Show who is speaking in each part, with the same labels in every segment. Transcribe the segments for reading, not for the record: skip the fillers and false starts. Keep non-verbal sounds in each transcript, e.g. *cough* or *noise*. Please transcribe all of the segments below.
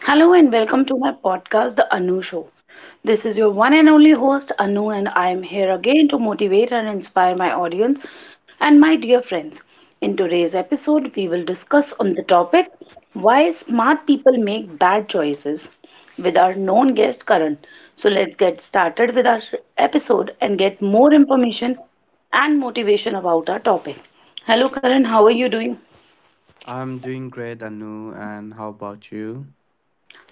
Speaker 1: Hello and welcome to my podcast, The Anu Show. This is your one and only host, Anu, and I am here again to motivate and inspire my audience and my dear friends. In today's episode, we will discuss on the topic why smart people make bad choices with our known guest, Karan. So let's get started with our episode and get more information and motivation about our topic. Hello, Karan, how are you doing?
Speaker 2: I'm doing great, Anu, and how about you?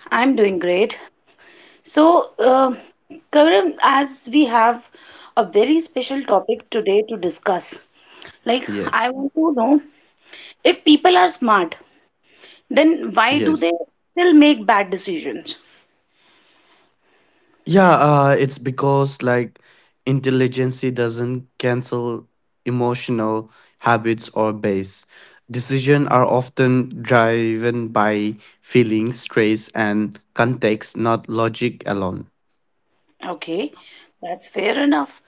Speaker 1: I'm doing great. So, Karan, as we have a very special topic today to discuss, like I
Speaker 2: Yes,
Speaker 1: want to know if people are smart, then why do they
Speaker 2: yes.
Speaker 1: still make bad decisions?
Speaker 2: Yeah, it's because like intelligence doesn't cancel emotional habits or base. Decisions are often driven by feelings, stress, and context, not logic alone.
Speaker 1: Okay, that's fair enough.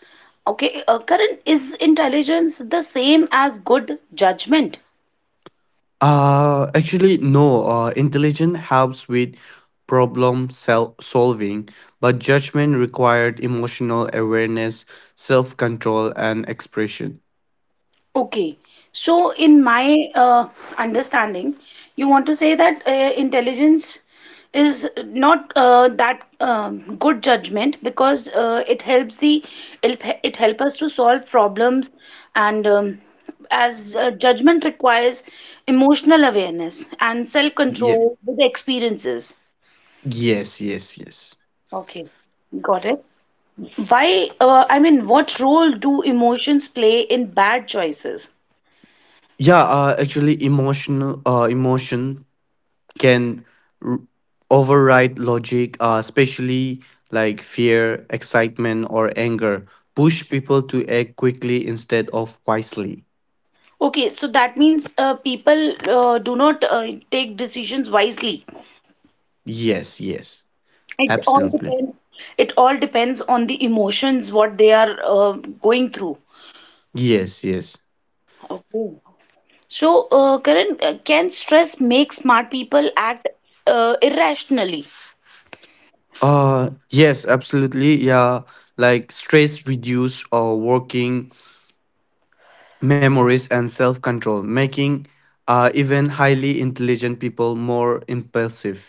Speaker 1: Okay, Karan, is intelligence the same as good judgment?
Speaker 2: Actually, no. Intelligence helps with problem solving, but judgment required emotional awareness, self control, and expression.
Speaker 1: Okay, so in my understanding, you want to say that intelligence is not that good judgment because it helps it help us to solve problems and as judgment requires emotional awareness and
Speaker 2: Yeah.
Speaker 1: self-control with experiences.
Speaker 2: Yes. Yes. Yes.
Speaker 1: Okay, got it. I mean, what role do emotions play in bad choices?
Speaker 2: Yeah. Actually, emotion can r- override logic, especially like fear, excitement, or anger. Push people to act quickly instead of wisely.
Speaker 1: Okay, so that means people do not take decisions wisely.
Speaker 2: Yes. Yes.
Speaker 1: It all
Speaker 2: Absolutely.
Speaker 1: depends. It all depends on the emotions what they are going through.
Speaker 2: Yes, yes.
Speaker 1: Okay. So, Karan, can stress make smart people act irrationally?
Speaker 2: Yes, absolutely. Yeah, like stress reduce or working memories and self-control, making even highly intelligent people more impulsive.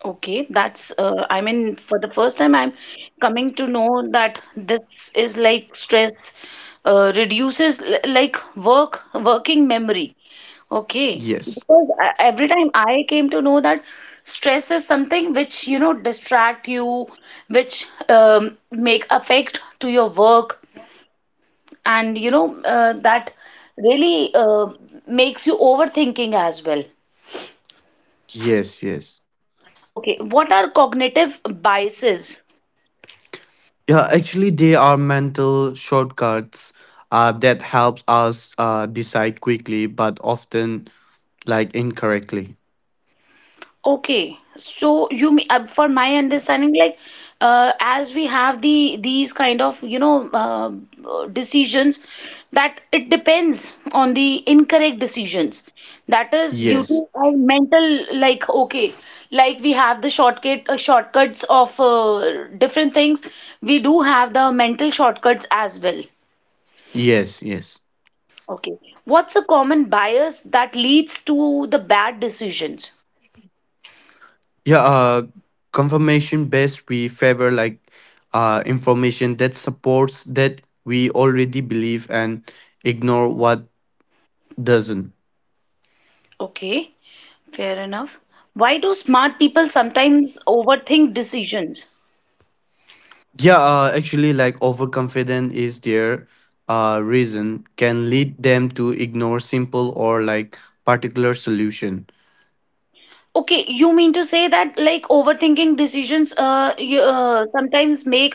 Speaker 1: Okay, that's I mean, for the first time, I'm coming to know that this is like stress reduces like working memory. Okay,
Speaker 2: Yes.
Speaker 1: because I, every time I came to know that stress is something which you know distract you, which make affect to your work, and you know that really makes you overthinking as well.
Speaker 2: Yes, yes.
Speaker 1: Okay, what are cognitive biases?
Speaker 2: Yeah, actually they are mental shortcuts that helps us decide quickly but often like incorrectly.
Speaker 1: Okay, so for my understanding, like as we have these kind of you know decisions, that it depends on the incorrect decisions. That is due
Speaker 2: Yes.
Speaker 1: to our mental, like okay, like we have the shortcuts of different things. We do have the mental shortcuts as well.
Speaker 2: Yes, yes.
Speaker 1: Okay, what's a common bias that leads to the bad decisions?
Speaker 2: Yeah, confirmation based, we favor like information that supports that we already believe and ignore what doesn't.
Speaker 1: Okay, fair enough. Why do smart people sometimes overthink decisions?
Speaker 2: Yeah, actually, like overconfident is their reason can lead them to ignore simple or like particular solution.
Speaker 1: Okay, you mean to say that like overthinking decisions sometimes make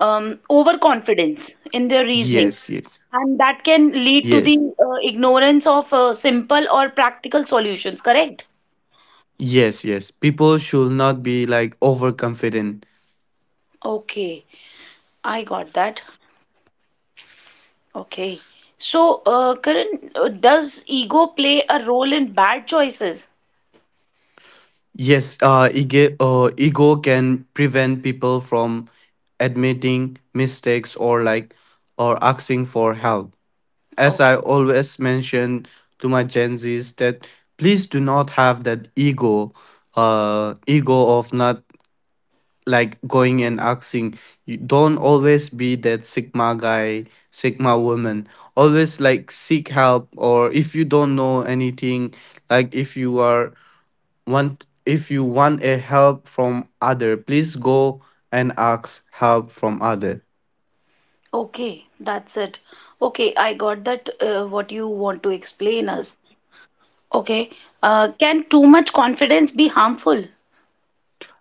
Speaker 1: overconfidence in their reasoning,
Speaker 2: Yes, yes,
Speaker 1: and that can lead to the
Speaker 2: yes,
Speaker 1: ignorance of simple or practical solutions, correct?
Speaker 2: yes, yes. People should not be like overconfident.
Speaker 1: Okay, I got that. Okay. So, Karan, does ego play a role in bad choices?
Speaker 2: Yes, ego can prevent people from admitting mistakes or asking for help. As I
Speaker 1: Okay.
Speaker 2: always mention to my Gen Zs that please do not have that ego of not like going and asking. You don't always be that sigma guy, sigma woman. Always like seek help, or if you don't know anything, like if you want a help from other, please go and ask help from other.
Speaker 1: Okay, that's it. Okay, I got that what you want to explain us. Okay, can too much confidence be harmful?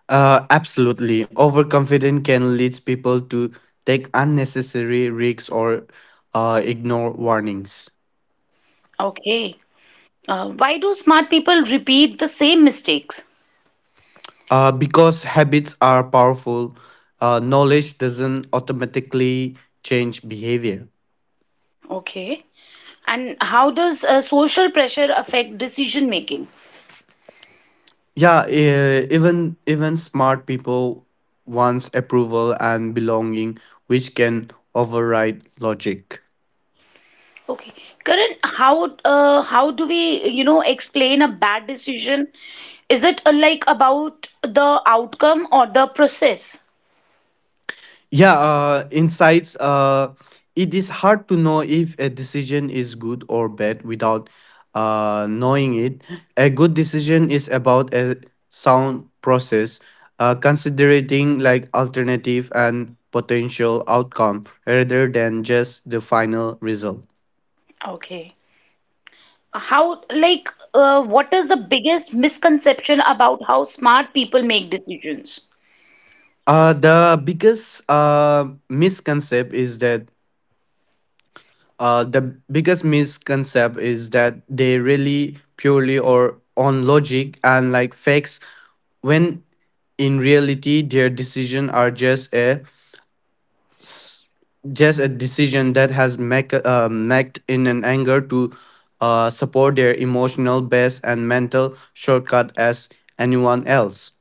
Speaker 2: Absolutely, overconfident can lead people to take unnecessary risks or ignore warnings.
Speaker 1: Okay, why do smart people repeat the same mistakes?
Speaker 2: Because habits are powerful. Knowledge doesn't automatically change behavior.
Speaker 1: Okay, and how does social pressure affect decision making?
Speaker 2: Yeah, even smart people wants approval and belonging, which can override logic.
Speaker 1: Okay, Karan, how do we you know explain a bad decision? Is it like about the outcome or the process?
Speaker 2: Yeah, insights. It is hard to know if a decision is good or bad without knowing it. A good decision is about a sound process, considering like alternative and potential outcome rather than just the final result.
Speaker 1: Okay. How, like, what is the biggest misconception about how smart people make decisions?
Speaker 2: Uh, the biggest uh, misconcept is that the biggest misconcept is that they really purely or on logic and like facts, when in reality their decision are just a s- decision that has made in an anger to support their emotional base and mental shortcut as anyone else.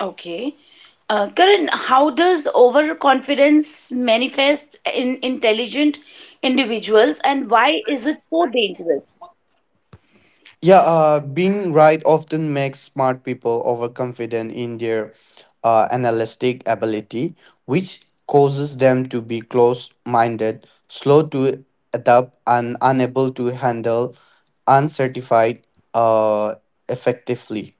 Speaker 1: Okay. Karan, how does overconfidence manifest in intelligent individuals and why is it so dangerous?
Speaker 2: Yeah, being right often makes smart people overconfident in their analytic ability, which causes them to be close minded, slow to adapt, and unable to handle uncertified uh, effectively.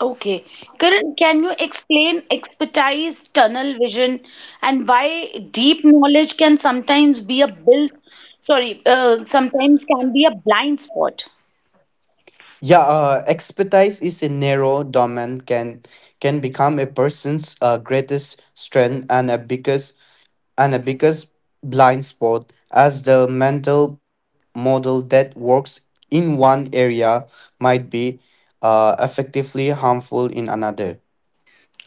Speaker 1: Okay. Karan, can you explain expertise, tunnel vision, and why deep knowledge can sometimes be a build, sorry, sometimes can be a blind spot?
Speaker 2: Yeah, expertise is a narrow domain can become a person's greatest strength and a biggest and a biggest blind spot, as the mental model that works in one area might be effectively harmful in another.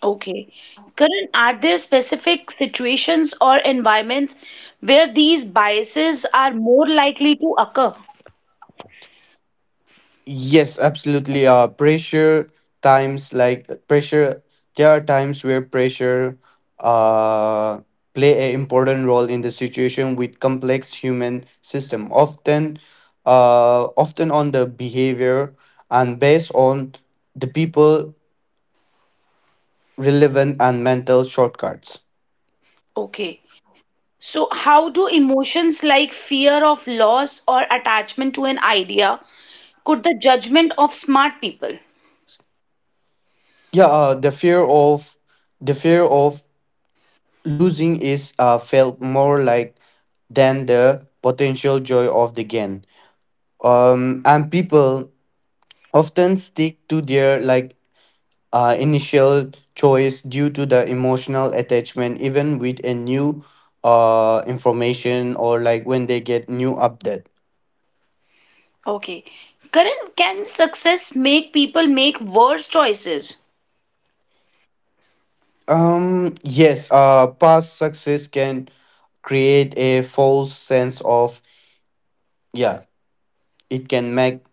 Speaker 1: Okay. Karan, are there specific situations or environments where these biases are more likely to occur?
Speaker 2: Yes, absolutely. Pressure times like pressure. There are times where pressure uh, play an important role in the situation with complex human system. Often on the behavior and based on the people relevant and mental shortcuts.
Speaker 1: Okay. So, how do emotions like fear of loss or attachment to an idea could the judgment of smart people?
Speaker 2: Yeah, the fear of losing is felt more like than the potential joy of the gain. And people often stick to their like initial choice due to the emotional attachment, even with a new information or like when they get new update.
Speaker 1: Okay. Karan, can success make people make worse choices?
Speaker 2: Yes, past success can create a false sense of. Yeah, it can make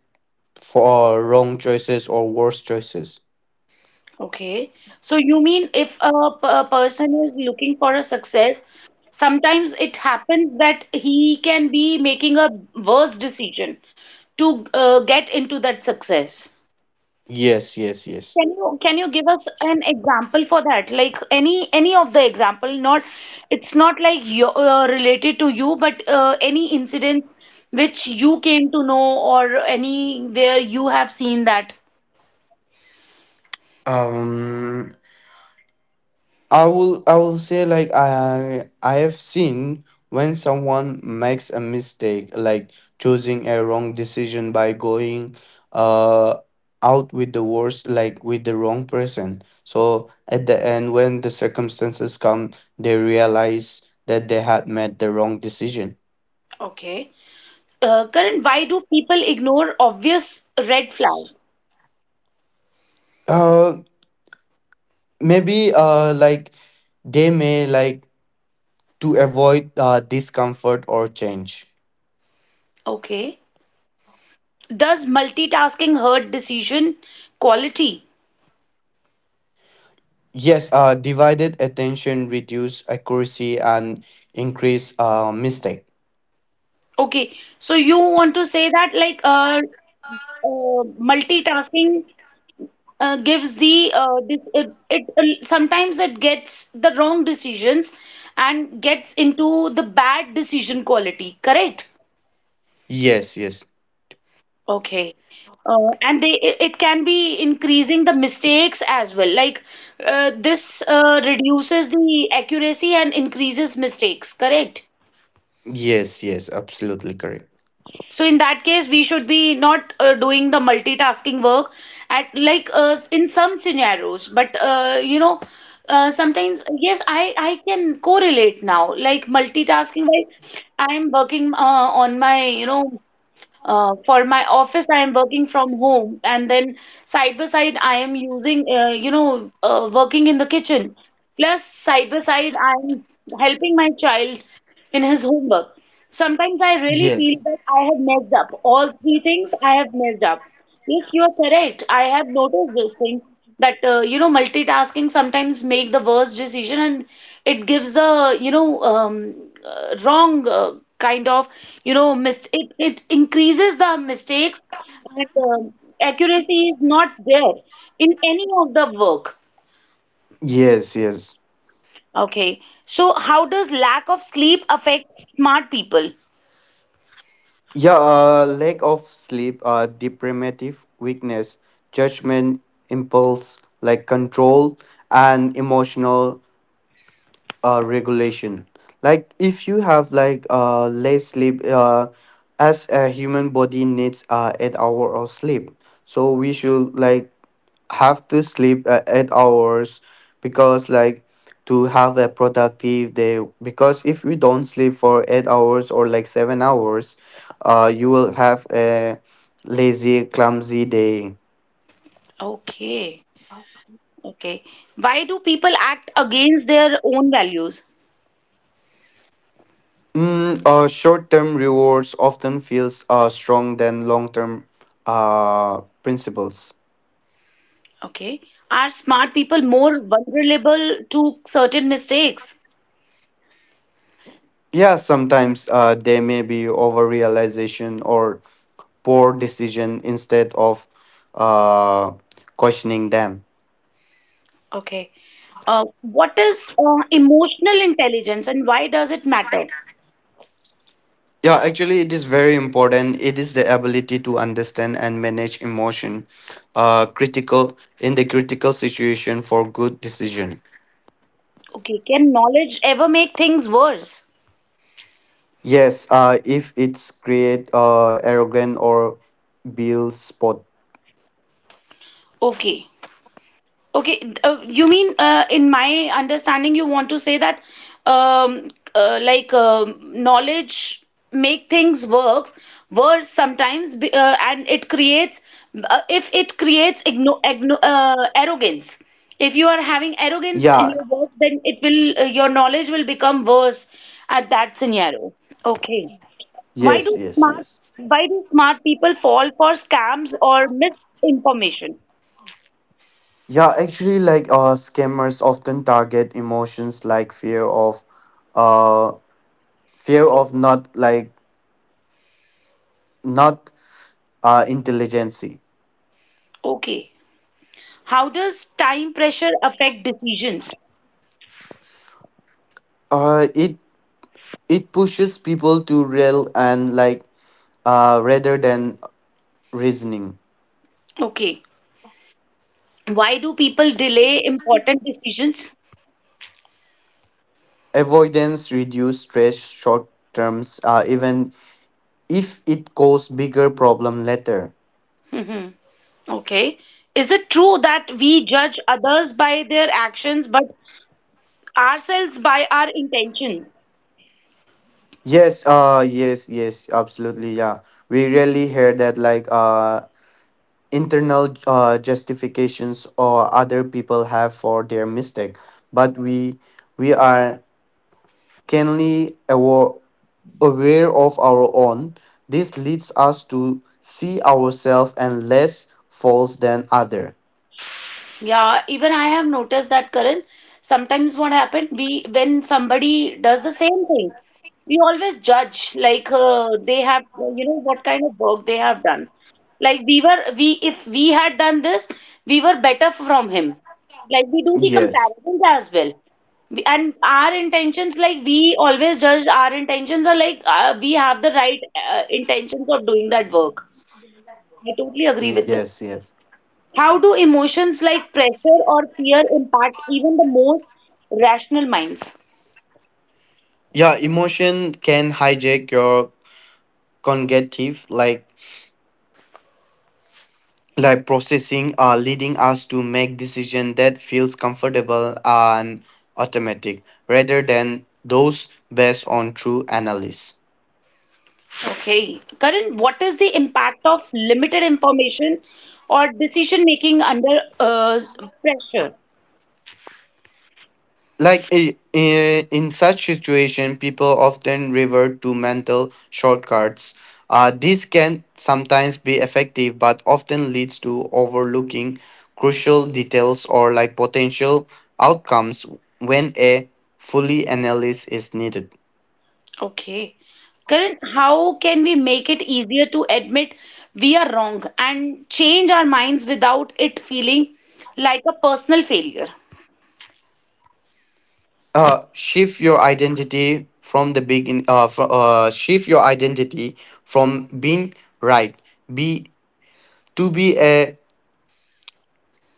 Speaker 2: for wrong choices or worse choices.
Speaker 1: Okay. So you mean if a person is looking for a success, sometimes it happens that he can be making a worse decision to get into that success.
Speaker 2: Yes, yes, yes.
Speaker 1: Can you give us an example for that? Like any of the example, not it's not like you related to you, but any incident which you came to know or anywhere you have seen that.
Speaker 2: Um, I will say like I have seen when someone makes a mistake, like choosing a wrong decision by going, uh, out with the worst, like with the wrong person. So at the end, when the circumstances come, they realize that they had made the wrong decision.
Speaker 1: Okay. Karan, why do people ignore obvious red
Speaker 2: S-
Speaker 1: flags?
Speaker 2: Uh, Maybe like they may like to avoid discomfort or change.
Speaker 1: Okay. Does multitasking hurt decision quality?
Speaker 2: Yes, divided attention reduce accuracy and increase mistake.
Speaker 1: Okay. So you want to say that like uh multitasking gives the this it, it sometimes it gets the wrong decisions and gets into the bad decision quality, correct?
Speaker 2: Yes, yes,
Speaker 1: Okay. And they it it can be increasing the mistakes as well. Like this reduces the accuracy and increases mistakes, correct?
Speaker 2: yes, yes, absolutely correct.
Speaker 1: So in that case, we should be not doing the multitasking work at like in some scenarios. But you know, sometimes yes, I can correlate now. Like multitasking, while I'm working on my you know for my office, I am working from home, and then side by side, I am using, you know, working in the kitchen. Plus, side by side, I am helping my child in his homework. Sometimes I really feel
Speaker 2: Yes,
Speaker 1: that I have messed up. All three things I have messed up. Yes, you are correct. I have noticed this thing that you know multitasking sometimes make the worst decision and it gives a you know wrong kind of you know it increases the mistakes and accuracy is not there in any of the work.
Speaker 2: yes, yes.
Speaker 1: Okay. So how does lack of sleep affect smart people?
Speaker 2: Yeah, lack of sleep, deprivative weakness, judgment, impulse, like control and emotional regulation. Like if you have like less sleep, as a human body needs 8 hour of sleep, so we should like have to sleep 8 hours, because like to have a productive day. Because if we don't sleep for 8 hours or like 7 hours, you will have a lazy clumsy day.
Speaker 1: Okay. Okay. Why do people act against their own values?
Speaker 2: Short-term rewards often feels strong than long-term principles.
Speaker 1: Okay. Are smart people more vulnerable to certain mistakes?
Speaker 2: Yeah, sometimes there may be over-realization or poor decision instead of uh, questioning them.
Speaker 1: Okay. What is emotional intelligence and why does it matter?
Speaker 2: Yeah, actually, it is very important. It is the ability to understand and manage emotion, critical in the critical situation for good decision.
Speaker 1: Okay. Can knowledge ever make things worse?
Speaker 2: Yes, if it's create arrogant or build spot.
Speaker 1: Okay. Okay, you mean in my understanding, you want to say that um, like knowledge make things works worse and it creates if it creates igno igno arrogance. If you are having arrogance in
Speaker 2: Yeah.
Speaker 1: your work, then it will your knowledge will become worse at that scenario. Okay. Why
Speaker 2: Yes.
Speaker 1: do
Speaker 2: Yes.
Speaker 1: smart
Speaker 2: Yes.
Speaker 1: why do smart people fall for scams or misinformation?
Speaker 2: Yeah. Actually, like scammers often target emotions like uh, fear of not like not intelligency.
Speaker 1: Okay. How does time pressure affect decisions?
Speaker 2: Uh, it it pushes people to real and like rather than reasoning.
Speaker 1: Okay. Why do people delay important decisions?
Speaker 2: Avoidance reduce stress short terms. Even if it cause bigger problem later.
Speaker 1: Hmm. Okay. Is it true that we judge others by their actions but ourselves by our intentions?
Speaker 2: Yes, yes, yes, absolutely. Yeah, we rarely hear that like internal justifications or other people have for their mistake, but we are keenly aware of our own. This leads us to see ourselves and less false than other.
Speaker 1: Yeah, even I have noticed that, Karan. Sometimes what happened, we when somebody does the same thing, we always judge like they have, you know, what kind of work they have done. Like we if we had done this, we were better from him. Like we do the
Speaker 2: Yes,
Speaker 1: comparisons as well. And our intentions, like we always judge our intentions are like we have the right intentions of doing that work. I totally agree with this.
Speaker 2: yes, yes.
Speaker 1: How do emotions like pressure or fear impact even the most rational minds?
Speaker 2: Yeah, emotion can hijack your cognitive like processing, leading us to make decision that feels comfortable and automatic rather than those based on true analysis.
Speaker 1: Okay, Karan, what is the impact of limited information or decision making under pressure?
Speaker 2: Like in such situation, people often revert to mental shortcuts. This can sometimes be effective but often leads to overlooking crucial details or like potential outcomes when a fully analysis is needed.
Speaker 1: Okay, Karan, how can we make it easier to admit we are wrong and change our minds without it feeling like a personal failure?
Speaker 2: Shift your identity from the begin Shift your identity from being right, be to be a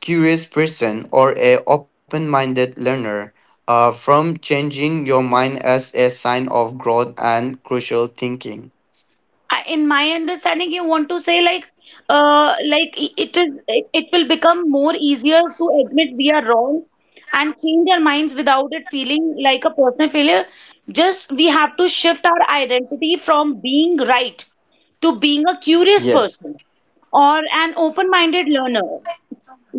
Speaker 2: curious person or a open-minded learner, from changing your mind as a sign of growth and crucial thinking.
Speaker 1: In my understanding you want to say like it will become more easier to admit we are wrong and change our minds without it feeling like a personal failure, just we have to shift our identity from being right to being a curious
Speaker 2: Yes,
Speaker 1: person or an open-minded learner,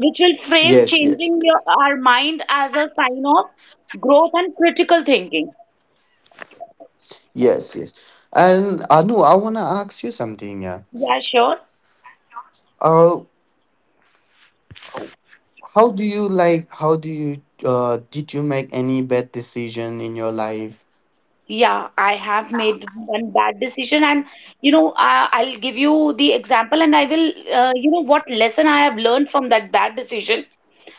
Speaker 1: which will frame
Speaker 2: yes, yes,
Speaker 1: changing our mind as a sign of growth and critical thinking.
Speaker 2: yes, yes. And, Anu, I want to ask you something. Yeah,
Speaker 1: Yeah, sure.
Speaker 2: uh how do you like how do you did you make any bad decision in your life?
Speaker 1: Yeah, I have made one bad decision, and you know, I'll give you the example, and I will, you know, what lesson I have learned from that bad decision.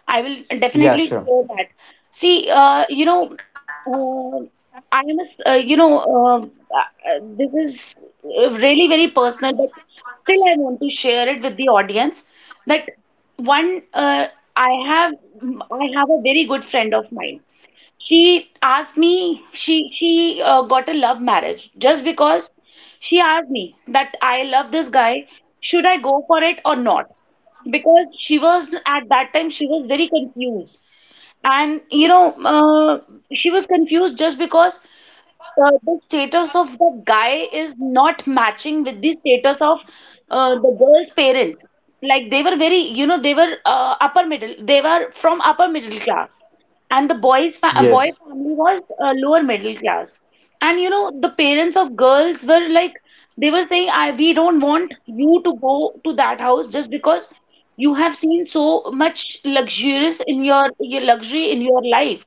Speaker 1: I will
Speaker 2: Yeah,
Speaker 1: definitely
Speaker 2: sure.
Speaker 1: share that. See, you know, uh, I am, you know, this is really very personal, but still I want to share it with the audience that one, I have, I have a very good friend of mine. She asked me, she got a love marriage just because she asked me that I love this guy, should I go for it or not? Because she was at that time she was very confused, and you know she was confused just because the status of the guy is not matching with the status of the girl's parents. Like they were very, you know, they were from upper middle class, and the boy
Speaker 2: Yes,
Speaker 1: family was lower middle class. And you know, the parents of girls were like, they were saying, "I We don't want you to go to that house just because you have seen so much luxurious in your luxury in your life."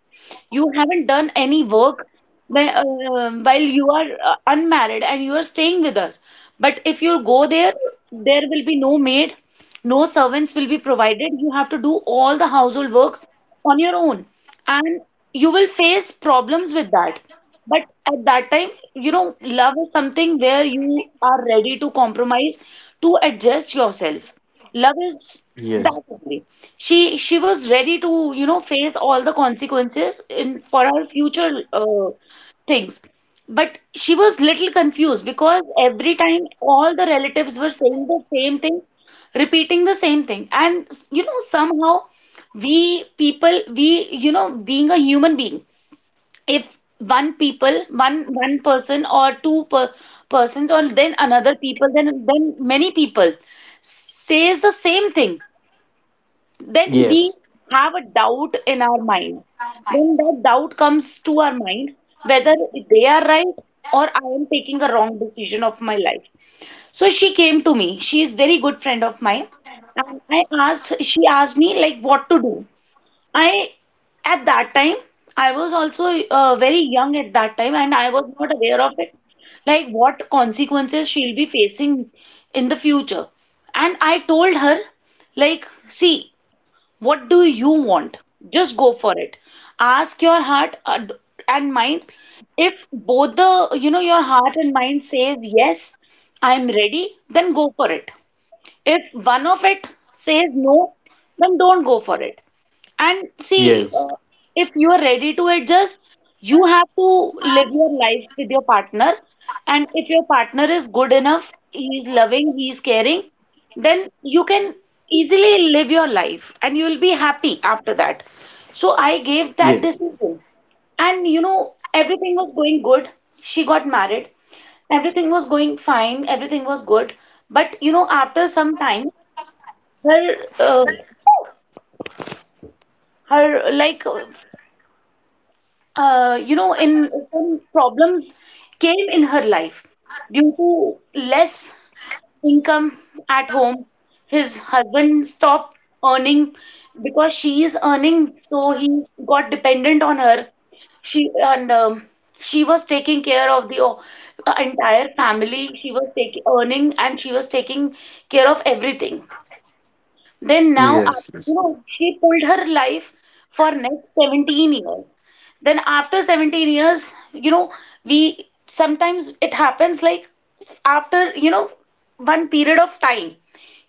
Speaker 1: You haven't done any work. Whe- uh, while you are unmarried and you are staying with us. But if you go there, there will be no maid, no servants will be provided. You have to do all the household works on your own, and you will face problems with that. But at that time, love is something where you are ready to compromise, to adjust yourself. Love is that
Speaker 2: yes,
Speaker 1: only. She was ready to, face all the consequences in for her future things. But she was little confused because every time all the relatives were saying the same thing, repeating the same thing. And you know, somehow we people, being a human being, if one people, one person or two per, persons or then another people, then many people says the same thing, then we
Speaker 2: yes,
Speaker 1: have a doubt in our mind. Then that doubt comes to our mind whether they are right or I am taking a wrong decision of my life. So she came to me. She is very good friend of mine. And I asked, she asked me like what to do. I at that time I was also very young at that time, and I was not aware of it like what consequences she'll be facing in the future. And I told her like, see, what do you want, just go for it. Ask your heart and mind. If both the your heart and mind says yes, I'm ready, then go for it. If one of it says no, then don't go for it. And see,
Speaker 2: yes,
Speaker 1: if you are ready to adjust, you have to live your life with your partner. And if your partner is good enough, he is loving, he is caring, then you can easily live your life and you will be happy after that. So I gave that
Speaker 2: yes,
Speaker 1: decision. And you know, everything was going good. She got married. Everything was going fine, everything was good. But you know, after some time, her, her like, in some problems came in her life due to less income at home. His husband stopped earning because she is earning, so he got dependent on her. She and she was taking care of the entire family. She was taking earning and she was taking care of everything. Then now, after,
Speaker 2: yes, yes.
Speaker 1: she pulled her life for next 17 years. Then after 17 years, we sometimes it happens like after, one period of time,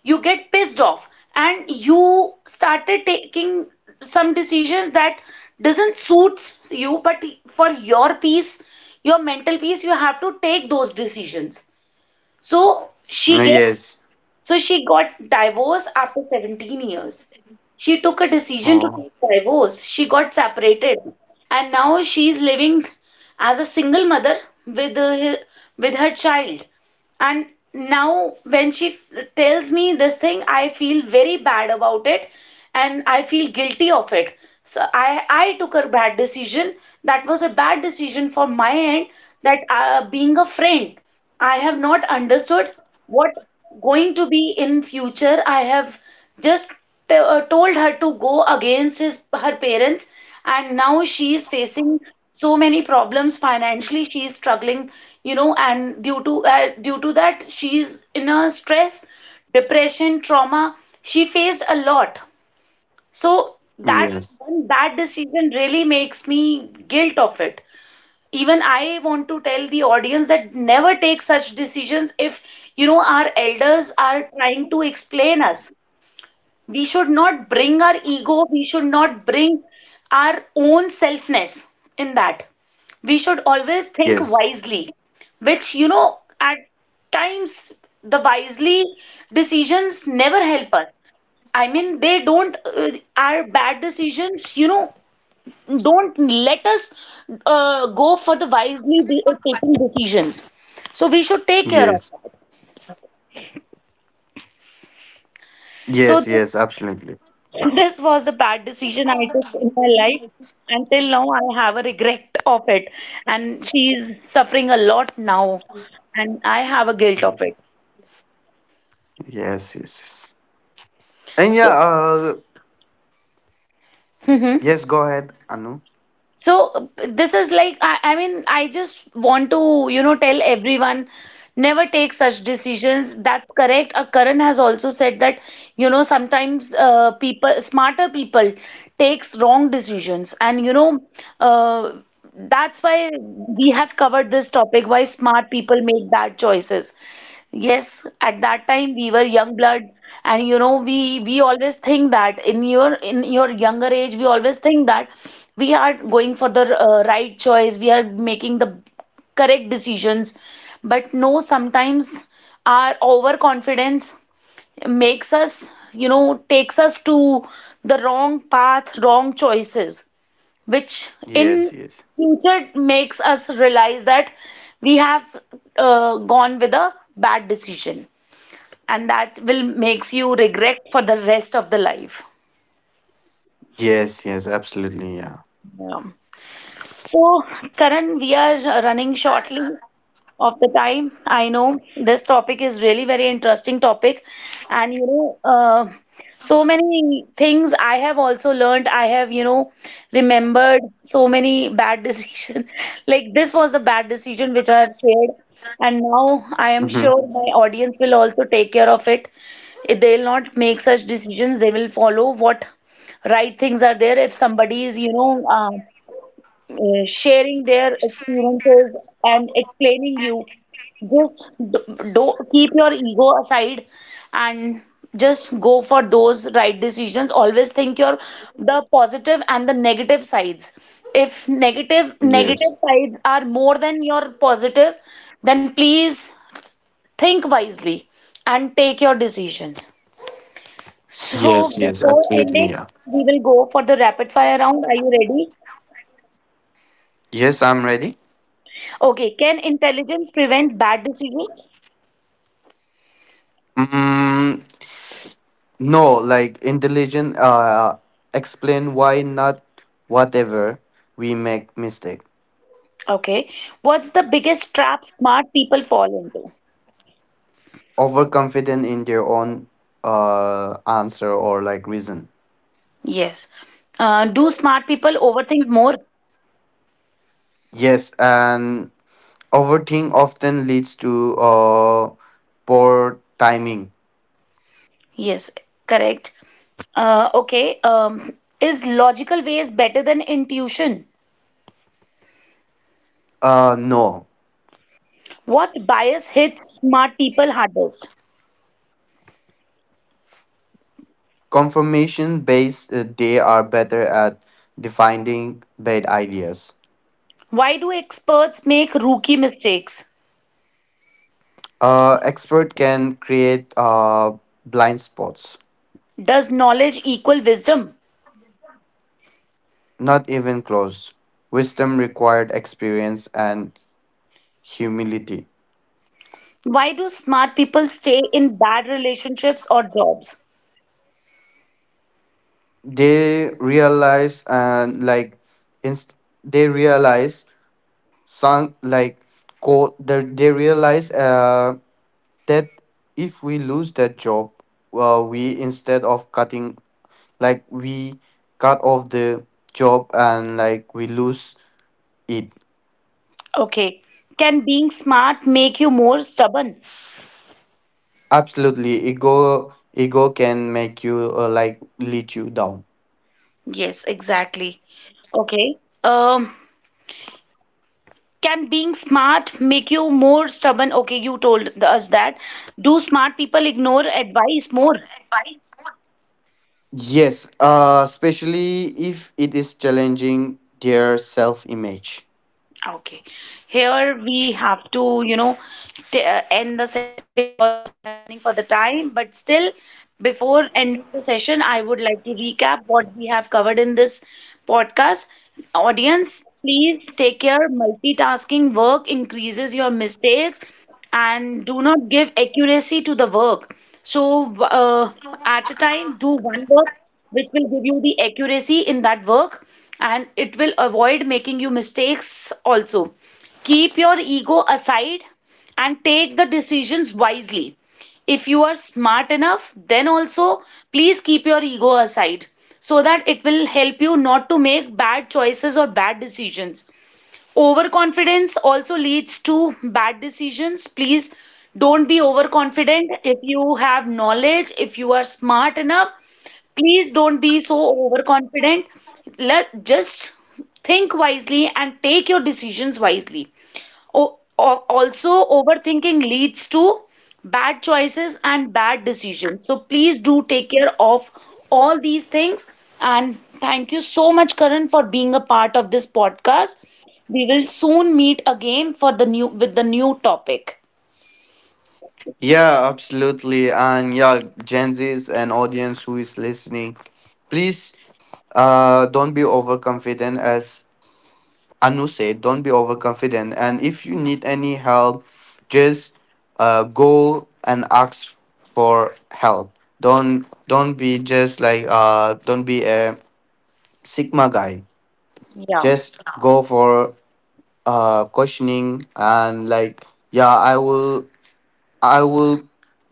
Speaker 1: you get pissed off and you started taking some decisions that doesn't suit you, but for your peace, your mental peace, you have to take those decisions. So she gets
Speaker 2: Yes.
Speaker 1: so she got divorced after 17 years. She took a decision to take
Speaker 2: Oh,
Speaker 1: divorce. She got separated, and now she is living as a single mother with with her child, and now when she tells me this thing, I feel very bad about it, and I feel guilty of it. So I took a bad decision. That was a bad decision for my end, that being a friend, I have not understood what going to be in future. I have just told her to go against his her parents, and now she is facing so many problems. Financially, she is struggling, you know, and due to due to that, she is in a stress, depression, trauma. She faced a lot. So that
Speaker 2: yes,
Speaker 1: one bad decision really makes me guilt of it. Even I want to tell the audience that never take such decisions. If you know our elders are trying to explain us, we should not bring our ego, we should not bring our own selfness in that. We should always think
Speaker 2: yes,
Speaker 1: wisely, which you know at times the wisely decisions never help us. I mean, they don't, uh, our bad decisions, you know, don't let us go for the wisely taking decisions. So we should take care of
Speaker 2: yes,
Speaker 1: that. so
Speaker 2: yes,
Speaker 1: this
Speaker 2: yes, absolutely.
Speaker 1: This was a bad decision I took in my life. Until now, I have a regret of it. And she's suffering a lot now. And I have a guilt of
Speaker 2: Mhm.
Speaker 1: it.
Speaker 2: Yes, yes, yes. And yeah,
Speaker 1: So, *laughs*
Speaker 2: yes, go ahead, Anu.
Speaker 1: So this is like I mean I just want to you know tell everyone, never take such decisions. That's correct. Karan has also said that you know sometimes people smarter people takes wrong decisions, and you know uh, that's why we have covered this topic, why smart people make bad choices. Yes, at that time we were young bloods, and you know we always think that in your younger age we always think that we are going for the right choice, we are making the correct decisions. But no, sometimes our overconfidence makes us, you know, takes us to the wrong path, wrong choices, which in
Speaker 2: Yes, yes.
Speaker 1: future makes us realize that we have gone with a bad decision, and that will makes you regret for the rest of the life.
Speaker 3: Yes, yes, absolutely, yeah.
Speaker 1: Yeah. So, Karan, we are running shortly. Of the time. I know this topic is really very interesting topic, and you know, so many things I have also learned. I have you know remembered so many bad decision. *laughs* Like this was a bad decision which I have shared, and now I am
Speaker 3: Hmm.
Speaker 1: sure my audience will also take care of it. If they'll not make such decisions. They will follow what right things are there. If somebody is sharing their experiences and explaining you, just don't keep your ego aside, and just go for those right decisions. Always think your the positive and the negative sides. If negative
Speaker 3: Yes,
Speaker 1: negative sides are more than your positive, then please think wisely and take your decisions. So
Speaker 3: yes, yes,
Speaker 1: before
Speaker 3: absolutely,
Speaker 1: ending,
Speaker 3: yeah.
Speaker 1: we will go for the rapid fire round. Are you ready?
Speaker 3: Yes, I'm ready.
Speaker 1: Okay, can intelligence prevent bad decisions?
Speaker 3: Mm, no, like intelligent. Explain why not. Whatever we make mistake,
Speaker 1: Okay, what's the biggest trap smart people fall into?
Speaker 3: overconfident in their own answer or like reason.
Speaker 1: Yes. Do smart people overthink more?
Speaker 3: Yes, and overthink often leads to poor timing.
Speaker 1: Yes, correct. Okay, is logical ways better than intuition?
Speaker 3: No.
Speaker 1: What bias hits smart people hardest?
Speaker 3: Confirmation based, they are better at defining bad ideas.
Speaker 1: Why do experts make rookie mistakes?
Speaker 3: Expert can create, blind spots.
Speaker 1: Does knowledge equal wisdom?
Speaker 3: Not even close. Wisdom required experience and humility.
Speaker 1: Why do smart people stay in bad relationships or jobs?
Speaker 3: They realize and like inst- they realize, some like quote, they realize that if we lose that job, we instead of cutting, like we cut off the job and like we lose it.
Speaker 1: Okay. Can being smart make you more stubborn?
Speaker 3: Absolutely, ego can make you, like lead you down.
Speaker 1: Yes, exactly. Okay. Um, can being smart make you more stubborn? Okay, you told us that. Do smart people ignore advice more?
Speaker 3: Yes, especially if it is challenging their self image.
Speaker 1: Okay. Here we have to, you know, t end the Running for the time, but still, before end of the session, I would like to recap what we have covered in this podcast. Audience, please take care. Multitasking work increases your mistakes, and do not give accuracy to the work. So, uh, at a time, do one work which will give you the accuracy in that work, and it will avoid making you mistakes also. Keep your ego aside and take the decisions wisely. If you are smart enough, then also please keep your ego aside, so that it will help you not to make bad choices or bad decisions. Overconfidence also leads to bad decisions. Please don't be overconfident. If you have knowledge, if you are smart enough, please don't be so overconfident. Let just think wisely and take your decisions wisely. Also, overthinking leads to bad choices and bad decisions. So please do take care of all these things. And thank you so much, Karan, for being a part of this podcast. We will soon meet again for the new with the new topic.
Speaker 3: Yeah, absolutely, and yeah, gen z's and audience who is listening, please don't be overconfident. As Anu said, don't be overconfident. And if you need any help, just go and ask for help. Don't be just like, don't be a sigma guy.
Speaker 1: Yeah.
Speaker 3: Just go for questioning and like, yeah, I will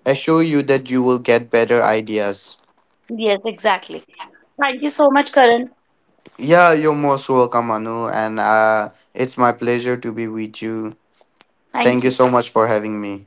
Speaker 3: assure you that you will get better ideas.
Speaker 1: Yes, exactly. Thank you so much, Karan.
Speaker 3: Yeah, you're most welcome, Anu, and it's my pleasure to be with you.
Speaker 1: Thank
Speaker 3: Thank you
Speaker 1: you.
Speaker 3: so much for having me.